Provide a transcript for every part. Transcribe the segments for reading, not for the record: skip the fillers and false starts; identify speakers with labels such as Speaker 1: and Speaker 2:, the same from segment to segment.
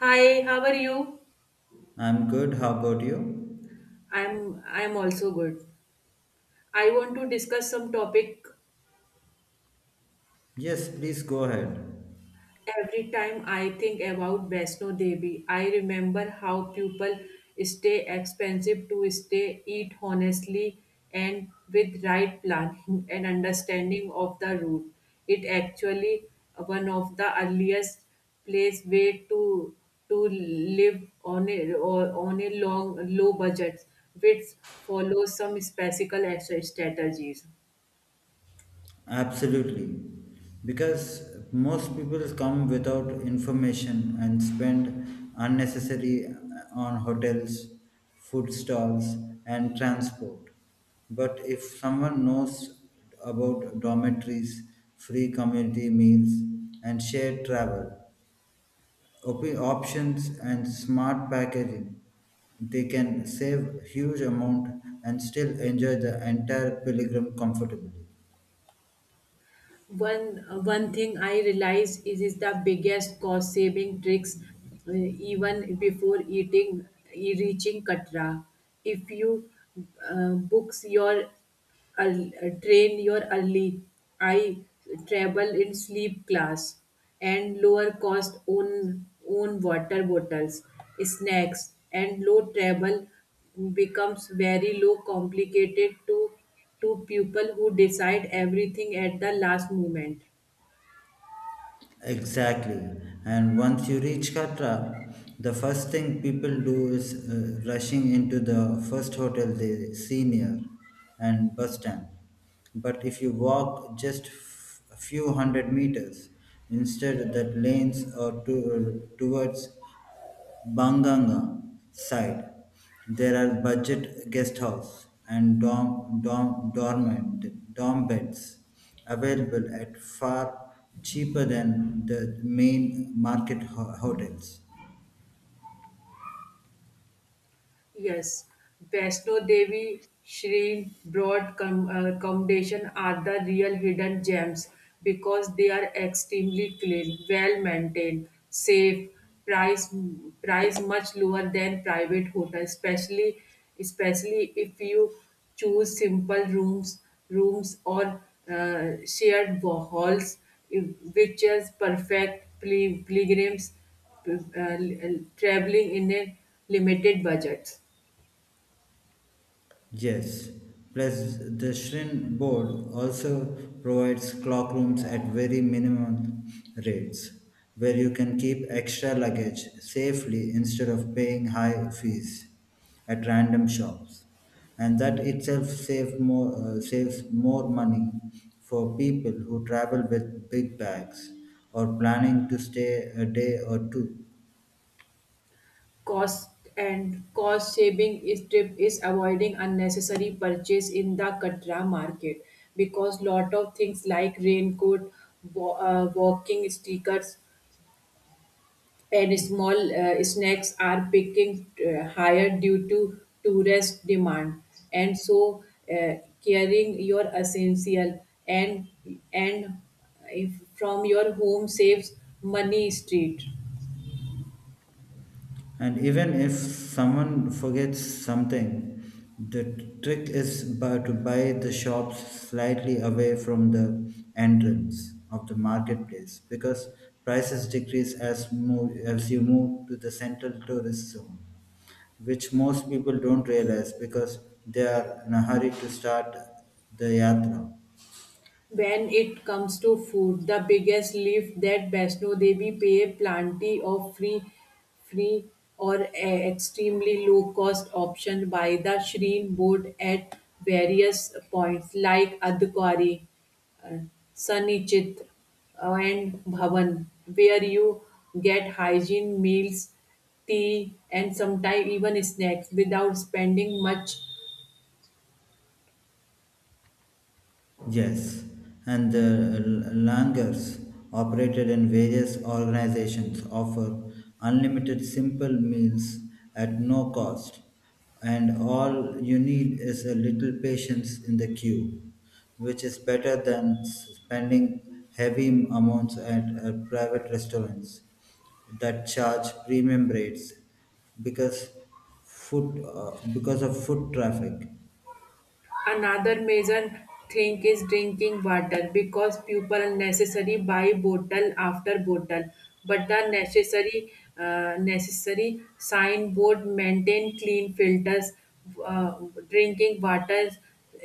Speaker 1: Hi, how are you?
Speaker 2: I'm good. How about you?
Speaker 1: I'm also good. I want to discuss some topic.
Speaker 2: Yes, please go ahead.
Speaker 1: Every time I think about Vaishno Devi, I remember how people stay expensive to stay, eat honestly, and with right planning and understanding of the route. It actually one of the earliest place way to live on a or on a long low budget, which follows some specific strategies.
Speaker 2: Absolutely. Because most people come without information and spend unnecessary on hotels, food stalls and transport. But if someone knows about dormitories, free community meals and shared travel, op- options and smart packaging. They can save huge amount and still enjoy the entire pilgrim comfortably.
Speaker 1: One thing I realized is the biggest cost saving tricks even before eating e- reaching Katra. If you books your earl- train your early, I travel in sleep class and lower cost own water bottles, snacks and low travel becomes very low complicated to people who decide everything at the last moment.
Speaker 2: Exactly. And once you reach Katra, the first thing people do is rushing into the first hotel they see near and bus stand. But if you walk just a few hundred meters, instead that lanes or towards Banganga side, there are budget guest house and dorm beds available at far cheaper than the main market hotels.
Speaker 1: Yes, Vaishno Devi Shri broad com- commendation are the real hidden gems because they are extremely clean, well maintained, safe, price price much lower than private hotel, especially if you choose simple rooms or shared wa- halls, if- which is perfect pil- pilgrims uh, traveling in a limited budget.
Speaker 2: Yes, plus the Shrine board also provides clock rooms at very minimal rates where you can keep extra luggage safely instead of paying high fees at random shops. And that itself saves more money for people who travel with big bags or planning to stay a day or two.
Speaker 1: Cost and cost saving is tip is avoiding unnecessary purchase in the katra market because lot of things like raincoat wa- walking stickers and small snacks are picking higher due to tourist demand and so uh, carrying your essential and if from your home saves money street.
Speaker 2: And even if someone forgets something, the trick is to buy the shops slightly away from the entrance of the marketplace because prices decrease as you move to the central tourist zone which most people don't realize because they are in a hurry to start the yatra.
Speaker 1: When it comes to food, the biggest lift that Vaishno Devi pay plenty of free or extremely low cost option by the Shrine board at various points like Adhikari, uh, Sanichit and Bhavan where you get hygiene meals, tea and sometimes even snacks without spending much.
Speaker 2: Yes, and the Langers operated in various organizations offer unlimited simple meals at no cost, and all you need is a little patience in the queue, which is better than spending heavy amounts at private restaurants that charge premium rates because foot because of foot traffic.
Speaker 1: Another major thing is drinking water because people unnecessary buy bottle after bottle, but the necessary necessary signboard maintain clean filters. Uh, Drinking water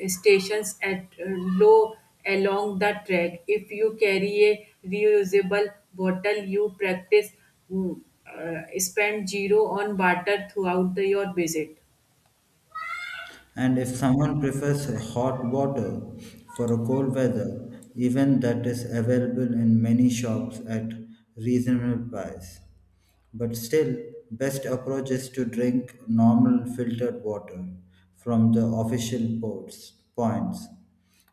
Speaker 1: stations at low along the track. If you carry a reusable bottle, you practice mm, spend zero on water throughout the, your visit.
Speaker 2: And if someone prefers hot water for a cold weather, even that is available in many shops at reasonable price. But still, best approach is to drink normal filtered water from the official ports points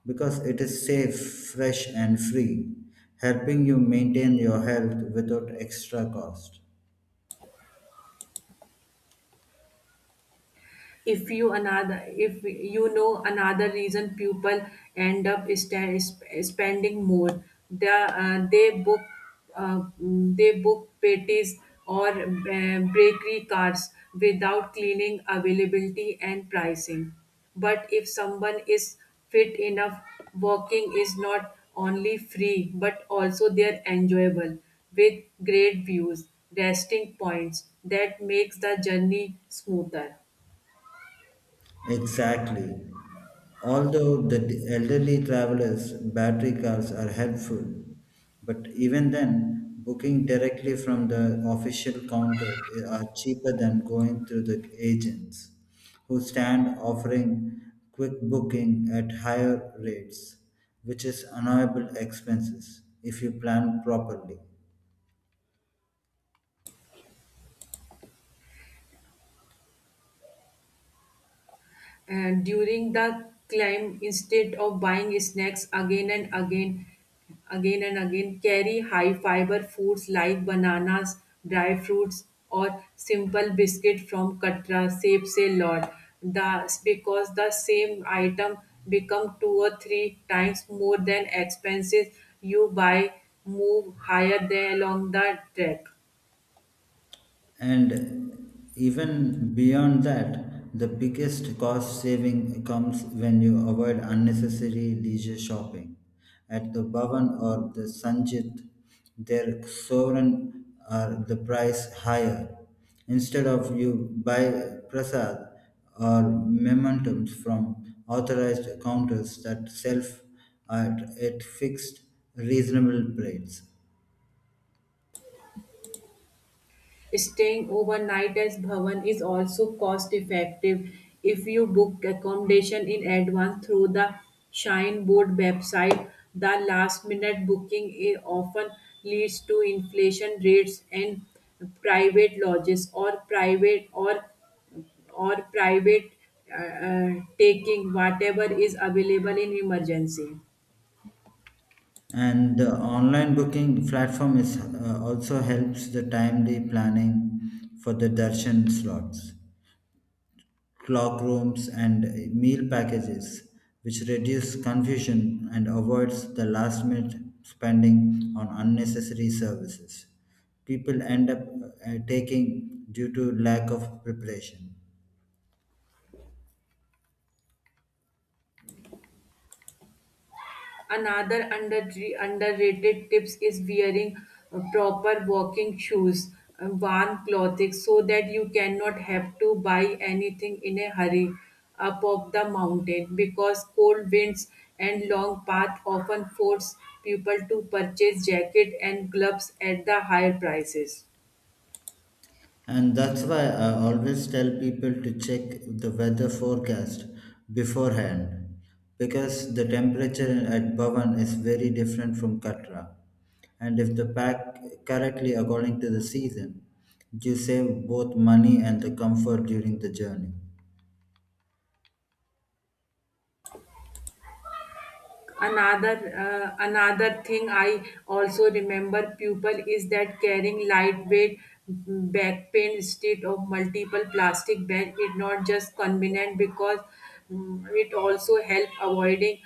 Speaker 2: because it is safe, fresh and free, helping you maintain your health without extra cost.
Speaker 1: If you another if you know another reason people end up sta- sp- spending more the, they book patties or bakery carts without cleaning availability and pricing, but if someone is fit enough, walking is not only free but also they're enjoyable with great views resting points that makes the journey smoother.
Speaker 2: Exactly. Although the elderly travelers' battery cars are helpful, but even then, booking directly from the official counter are cheaper than going through the agents, who stand offering quick booking at higher rates, which is unavoidable expenses if you plan properly.
Speaker 1: And during the climb, instead of buying snacks again and again carry high fiber foods like bananas, dry fruits or simple biscuit from katra saves a lot, the because the same item become two or three times more than expenses you buy move higher than along the track.
Speaker 2: And even beyond that, the biggest cost saving comes when you avoid unnecessary leisure shopping. At the Bhavan or the Sanjit, their sovereign are the price higher. Instead of you buy prasad or mementums from authorized counters that sell at fixed reasonable rates.
Speaker 1: Staying overnight at Bhavan is also cost effective if you book accommodation in advance through the Shine Board website. The last minute booking I- often leads to inflation rates and private lodges or private or private uh, uh, taking whatever is available in emergency.
Speaker 2: And the online booking platform is also helps the timely planning for the darshan slots, clock rooms and meal packages which reduce confusion and avoids the last minute spending on unnecessary services people end up taking due to lack of preparation.
Speaker 1: Another under, underrated tips is wearing proper walking shoes, warm clothing, so that you cannot have to buy anything in a hurry up of the mountain because cold winds and long path often force people to purchase jacket and gloves at the higher prices.
Speaker 2: And that's why I always tell people to check the weather forecast beforehand because the temperature at Bhavan is very different from Katra. And if the pack correctly according to the season, you save both money and the comfort during the journey.
Speaker 1: another another thing I also remember pupil is that carrying lightweight back pain instead of multiple plastic bag is not just convenient because it also help avoiding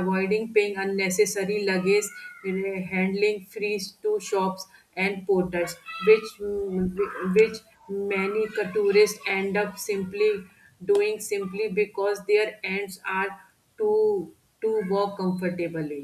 Speaker 1: avoiding paying unnecessary luggage uh, handling fees to shops and porters which which many tourists end up simply doing simply because their ends are to walk comfortably.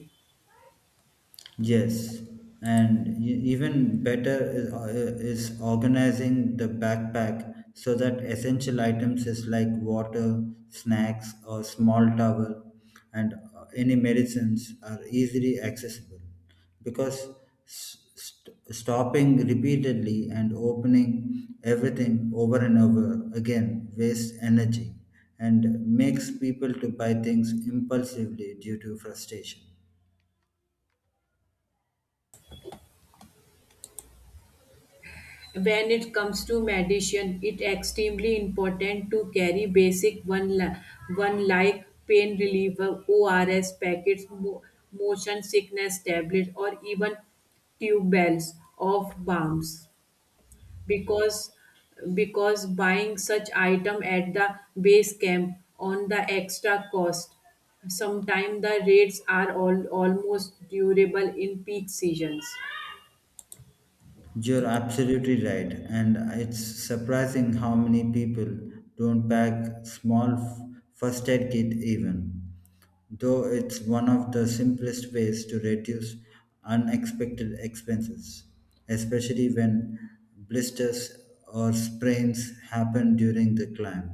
Speaker 2: Yes, and even better is organizing the backpack so that essential items is like water, snacks, or small towel, and any medicines are easily accessible. Because stopping repeatedly and opening everything over and over again wastes energy and makes people to buy things impulsively due to frustration.
Speaker 1: When it comes to medicine, it extremely important to carry basic one li- one like pain reliever, ORS packets, mo- motion sickness tablet, or even tube bells of balms because buying such item at the base camp on the extra cost, sometimes the rates are all, almost durable in peak seasons.
Speaker 2: You're absolutely right, and it's surprising how many people don't pack small first aid kit even, though it's one of the simplest ways to reduce unexpected expenses, especially when blisters or sprains happen during the climb,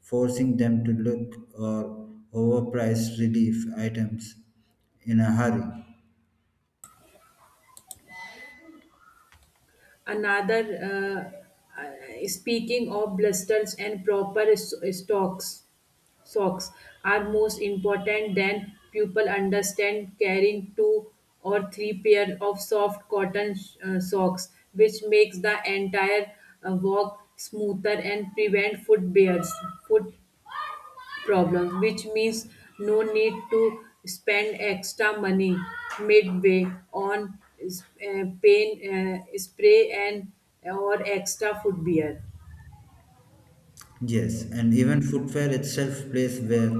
Speaker 2: forcing them to look or overpriced relief items in a hurry.
Speaker 1: Another speaking of blisters and proper s- stocks socks are most important than people understand, carrying two or three pair of soft cotton socks which makes the entire walk smoother and prevent foot bears foot problems, which means no need to spend extra money midway on pain spray and or extra foot beer.
Speaker 2: Yes, and even footwear itself place where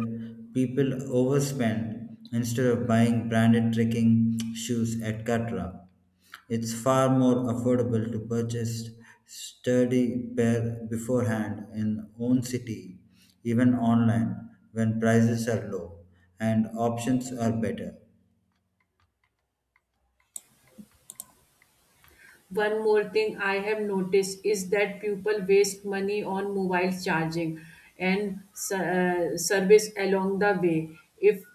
Speaker 2: people overspend instead of buying branded trekking shoes at Katra. It's far more affordable to purchase sturdy pair beforehand in own city, even online when prices are low and options are better.
Speaker 1: One more thing I have noticed is that people waste money on mobile charging and service along the way. If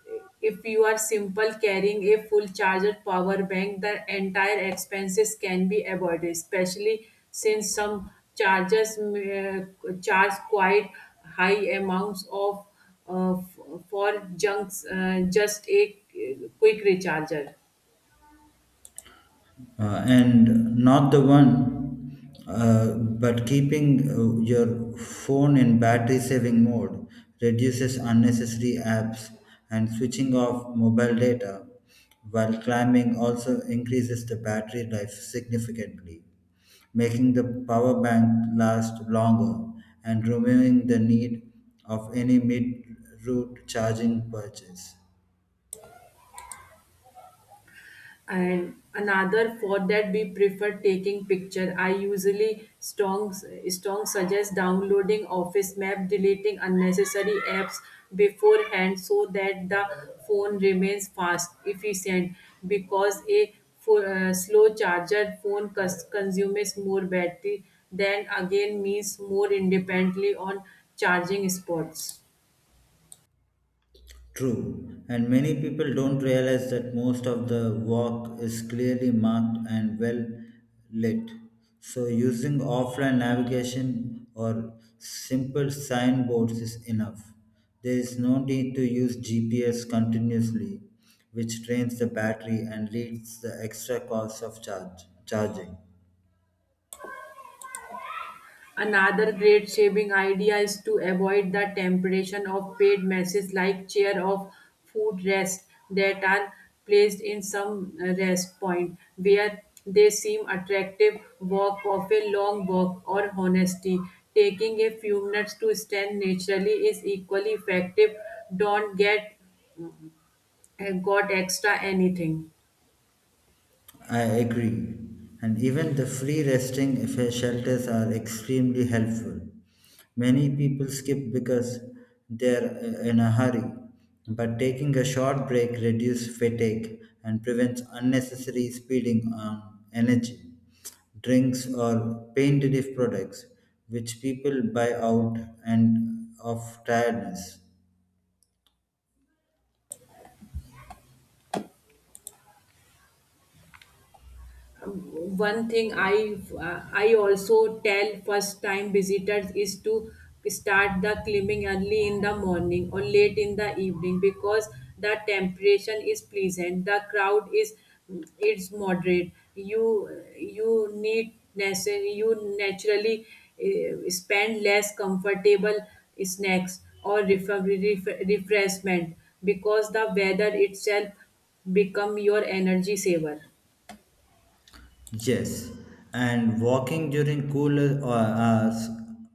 Speaker 1: if you are simple carrying a full charger power bank, the entire expenses can be avoided, especially since some chargers charge quite high amounts of f- for junks just a quick recharger.
Speaker 2: And not the one but keeping your phone in battery saving mode reduces unnecessary apps and switching off mobile data while climbing also increases the battery life significantly, making the power bank last longer and removing the need of any mid route charging purchase.
Speaker 1: And another for that we prefer taking picture I usually strong suggest downloading office map, deleting unnecessary apps beforehand so that the phone remains fast efficient because a slow charger phone cons- consumes more battery, then again means more independently on charging spots.
Speaker 2: True, and many people don't realize that most of the walk is clearly marked and well lit. So, using offline navigation or simple signboards is enough. There is no need to use GPS continuously, which drains the battery and leads the extra cost of charging.
Speaker 1: Another great saving idea is to avoid the temptation of paid messes like chair of food rest that are placed in some rest point where they seem attractive walk of a long walk or honesty, taking a few minutes to stand naturally is equally effective, don't get got extra anything.
Speaker 2: I agree. And even the free resting shelters are extremely helpful. Many people skip because they're in a hurry, but taking a short break reduces fatigue and prevents unnecessary speeding on energy, drinks, or pain relief products, which people buy out and of tiredness.
Speaker 1: One thing I also tell first time visitors is to start the climbing early in the morning or late in the evening because the temperature is pleasant, the crowd is it's moderate, you need nece- you naturally spend less comfortable snacks or refer- ref- refreshment because the weather itself become your energy saver.
Speaker 2: Yes, and walking during cooler hours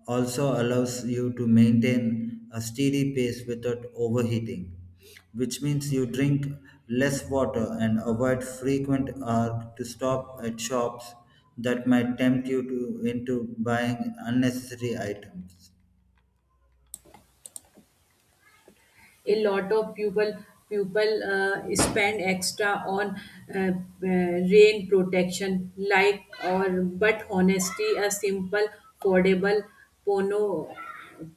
Speaker 2: also allows you to maintain a steady pace without overheating, which means you drink less water and avoid frequent urge to stop at shops that might tempt you to into buying unnecessary items.
Speaker 1: A lot of people spend extra on uh, rain protection like or but honestly a simple foldable pono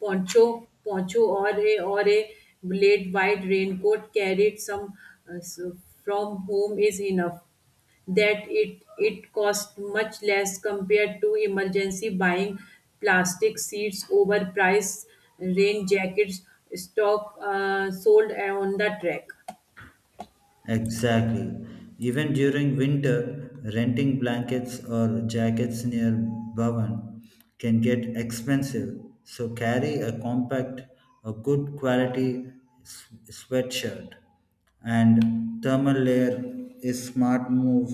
Speaker 1: poncho or a blade wide raincoat carried some s- from home is enough, that it cost much less compared to emergency buying plastic seats overpriced rain jackets stock sold on the track.
Speaker 2: Exactly. Even during winter, renting blankets or jackets near Bhavan can get expensive. So carry a compact, a good quality sweatshirt and thermal layer is smart move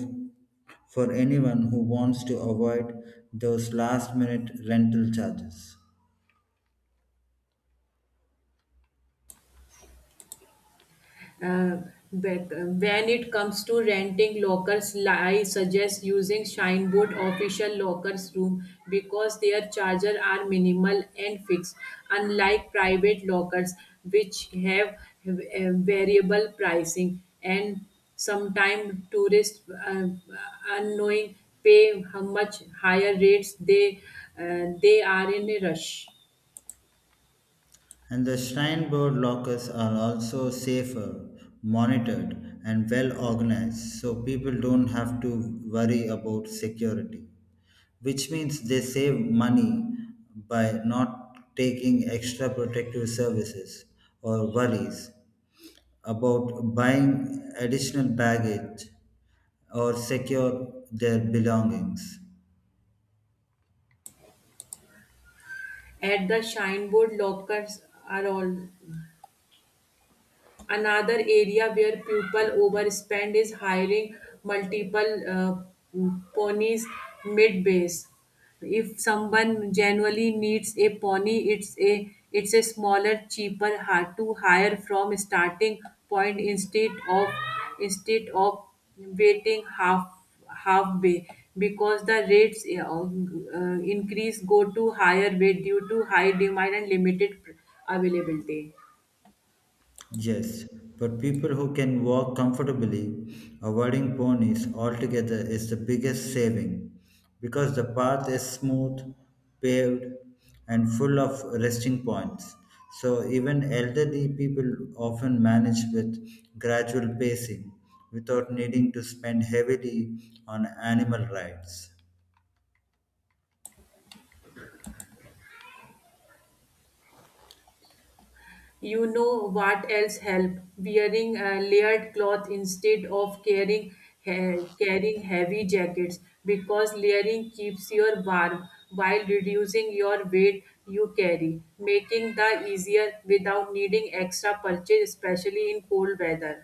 Speaker 2: for anyone who wants to avoid those last minute rental charges.
Speaker 1: Uh, but when it comes to renting lockers, I suggest using Shineboard official lockers room because their charges are minimal and fixed, unlike private lockers which have uh, variable pricing and sometimes tourists unknowing pay how much higher rates they are in a rush.
Speaker 2: And the Shrine Board lockers are also safer, monitored, and well organized, so people don't have to worry about security. Which means they save money by not taking extra protective services or worries about buying additional baggage or secure their belongings.
Speaker 1: At the Shineboard lockers are all. Another area where people overspend is hiring multiple ponies mid base. If someone genuinely needs a pony, it's a smaller, cheaper, hard to hire from starting point instead of waiting half halfway because the rates increase go to higher way due to high demand and limited availability.
Speaker 2: Yes, but people who can walk comfortably, avoiding ponies altogether is the biggest saving because the path is smooth, paved, and full of resting points. So even elderly people often manage with gradual pacing without needing to spend heavily on animal rides.
Speaker 1: You know what else help, wearing layered cloth instead of carrying he- carrying heavy jackets because layering keeps your warm while reducing your weight you carry, making the easier without needing extra purchase especially in cold weather.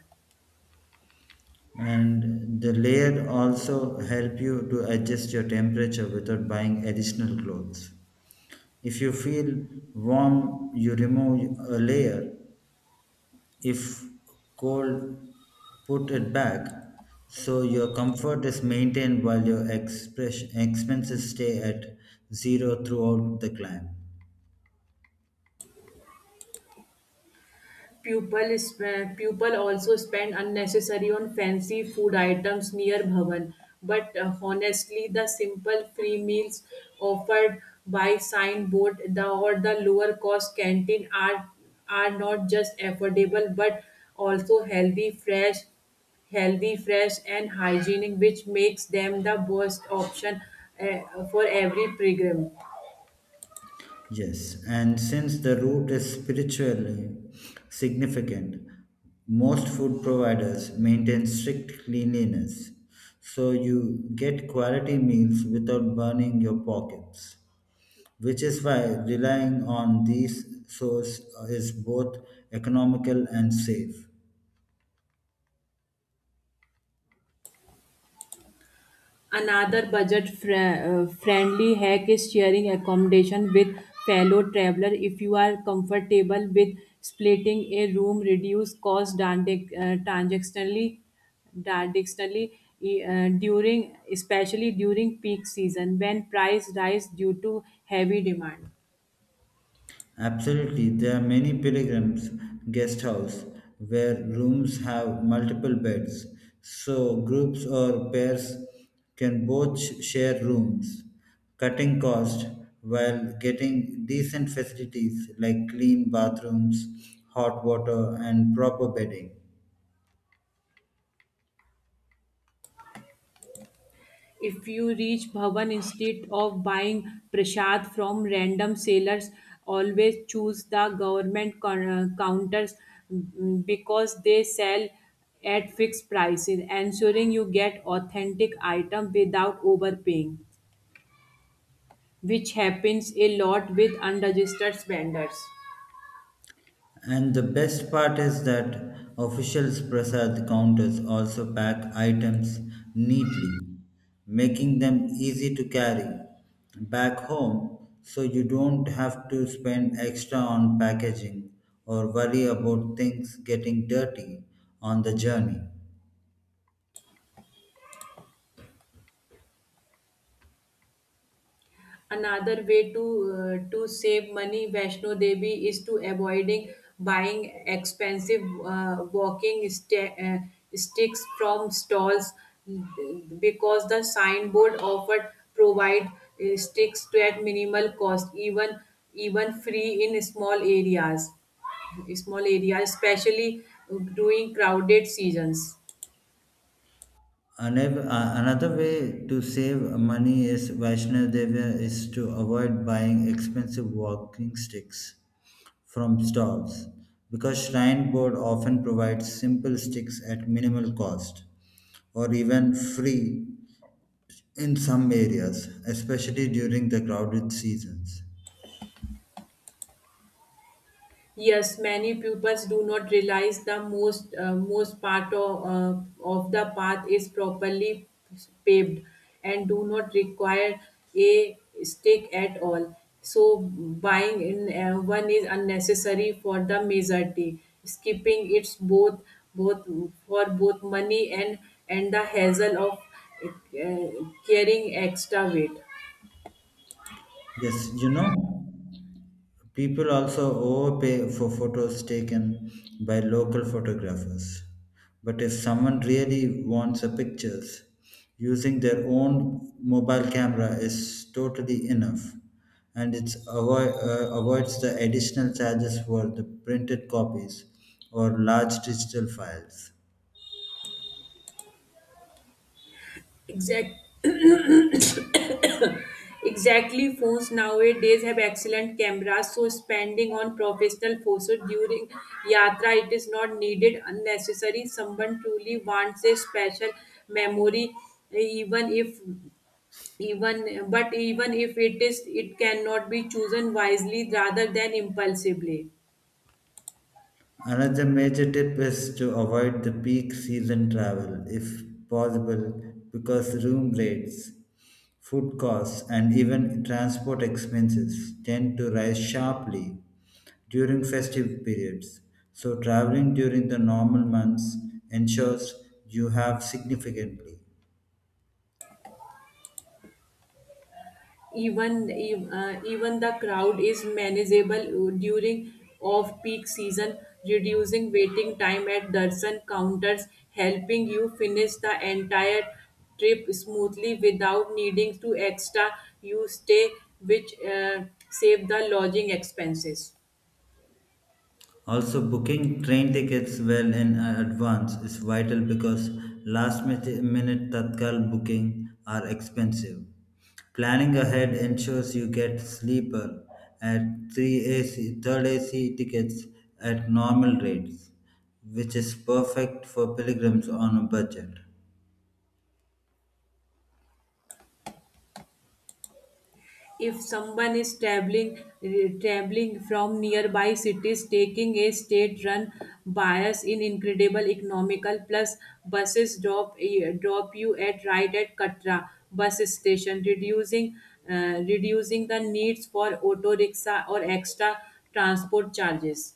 Speaker 2: And the layer also help you to adjust your temperature without buying additional clothes. If you feel warm, you remove a layer. If cold, put it back. So your comfort is maintained while your expenses stay at zero throughout the climb.
Speaker 1: People, sp- people also spend unnecessary on fancy food items near Bhavan. But honestly, the simple free meals offered by signboard the, or the lower cost canteen are not just affordable but also healthy, fresh, and hygienic, which makes them the best option for every pilgrim.
Speaker 2: Yes, and since the root is spiritually significant, most food providers maintain strict cleanliness, so you get quality meals without burning your pockets, which is why relying on these sources is both economical and safe.
Speaker 1: Another budget fr- friendly hack is sharing accommodation with fellow traveler. If you are comfortable with splitting a room, reduce cost transac- transactionally, transactionally during, especially during peak season when price rise due to heavy demand.
Speaker 2: Absolutely, there are many pilgrims guest house where rooms have multiple beds, so groups or pairs can both share rooms, cutting cost while getting decent facilities like clean bathrooms, hot water, and proper bedding.
Speaker 1: If you reach Bhavan, instead of buying prasad from random sellers, always choose the government coun- counters because they sell at fixed prices, ensuring you get authentic item without overpaying, which happens a lot with unregistered vendors.
Speaker 2: And the best part is that officials Prasad counters also pack items neatly, making them easy to carry back home so you don't have to spend extra on packaging or worry about things getting dirty on the journey.
Speaker 1: Another way to to save money, Vaishno Devi, is to avoiding buying expensive walking sta- sticks from stalls because the signboard offered provide sticks to at minimal cost, even free in small areas, especially during crowded seasons.
Speaker 2: Another way to save money is Vaishnav Devya is to avoid buying expensive walking sticks from stalls because Shrine Board often provides simple sticks at minimal cost or even free in some areas, especially during the crowded seasons.
Speaker 1: Yes, many pupils do not realize the most most part of the path is properly paved and do not require a stick at all. So buying in one is unnecessary for the majority. Skipping it's both for both money and the hassle of uh, carrying extra weight.
Speaker 2: Yes, you know, people also overpay for photos taken by local photographers. But if someone really wants the pictures, using their own mobile camera is totally enough and it avoids the additional charges for the printed copies or large digital files.
Speaker 1: Exact Exactly, phones nowadays have excellent cameras, so spending on professional photos during yatra it is not needed unnecessary. Someone truly wants a special memory, even if even if it is, it cannot be chosen wisely rather than impulsively.
Speaker 2: Another major tip is to avoid the peak season travel if possible because room rates, food costs, and even transport expenses tend to rise sharply during festive periods. So, traveling during the normal months ensures you have significantly.
Speaker 1: Even the crowd is manageable during off-peak season, reducing waiting time at dozen counters, helping you finish the entire trip smoothly without needing to extra you stay, which save the lodging expenses.
Speaker 2: Also, booking train tickets well in advance is vital because last minute Tatkal booking are expensive. Planning ahead ensures you get sleeper at 3 AC, third AC tickets at normal rates, which is perfect for pilgrims on a budget.
Speaker 1: If someone is traveling from nearby cities, taking a state run bias in incredible economical plus buses drop drop you at right at katra bus station reducing reducing the needs for auto rickshaw or extra transport charges.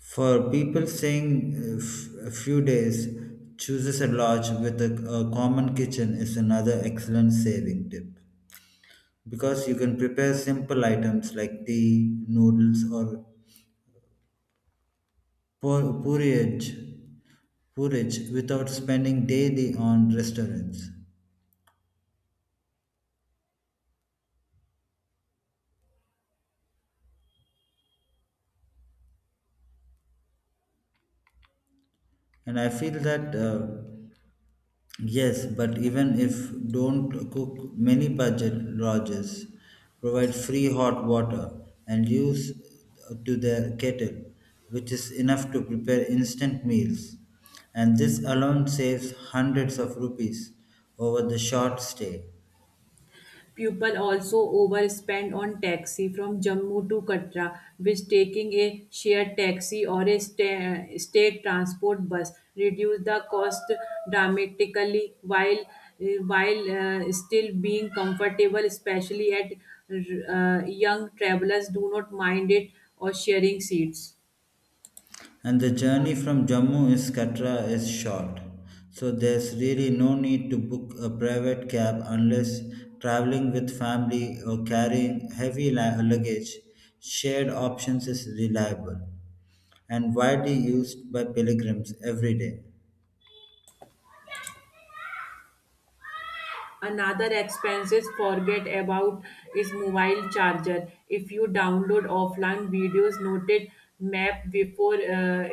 Speaker 2: For people staying a few days, chooses a lodge with a common kitchen is another excellent saving tip, because you can prepare simple items like tea, noodles, or porridge, porridge without spending daily on restaurants. And I feel that yes, but even if don't cook, many budget lodges provide free hot water and use to their kettle, which is enough to prepare instant meals. And this alone saves hundreds of rupees over the short stay.
Speaker 1: People also overspend on taxi from Jammu to Katra, which taking a shared taxi or a sta- state transport bus reduce the cost dramatically while still being comfortable, especially at young travelers do not mind it or sharing seats.
Speaker 2: And the journey from Jammu is Katra is short. So there's really no need to book a private cab unless traveling with family or carrying heavy luggage. Shared options is reliable and widely used by pilgrims every day.
Speaker 1: Another expenses forget about is mobile charger. If you download offline videos, noted map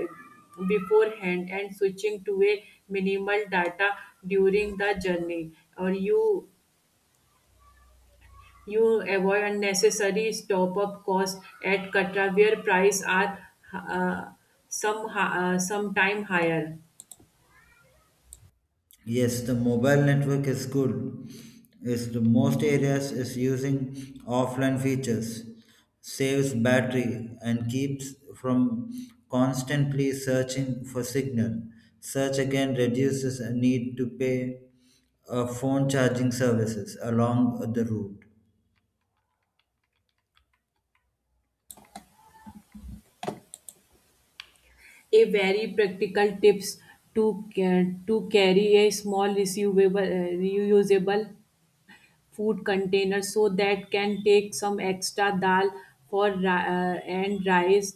Speaker 1: beforehand and switching to a minimal data during the journey, or you avoid unnecessary top up cost at Katra where price are uh, sometime higher.
Speaker 2: Yes, the mobile network is good. Is the most areas is using offline features, saves battery and keeps from constantly searching for signal. Search again reduces a need to pay phone charging services along the route.
Speaker 1: A very practical tips to ca- to carry a small reusable reusable food container so that can take some extra dal for ri- and rice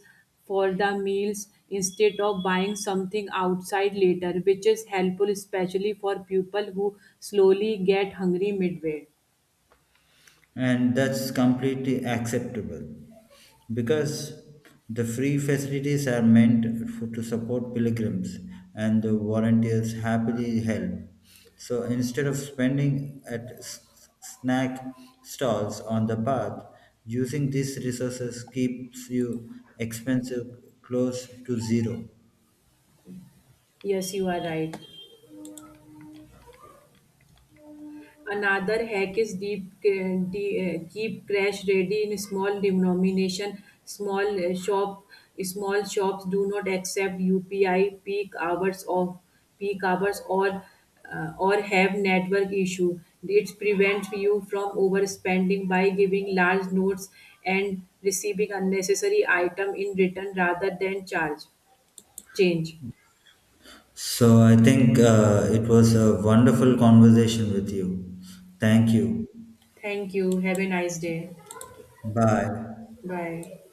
Speaker 1: for the meals instead of buying something outside later, which is helpful especially for people who slowly get hungry midway.
Speaker 2: And that's completely acceptable because the free facilities are meant for, to support pilgrims and the volunteers happily help, so instead of spending at snack stalls on the path using these resources keeps you expensive close to zero.
Speaker 1: Yes you are right. Another hack is keep crash ready in small denomination. Small shop, small shops do not accept UPI peak hours of peak hours or have network issue. It prevents you from overspending by giving large notes and receiving unnecessary item in return rather than charge change.
Speaker 2: So I think it was a wonderful conversation with you. Thank you.
Speaker 1: Thank you. Have a nice day.
Speaker 2: Bye.
Speaker 1: Bye.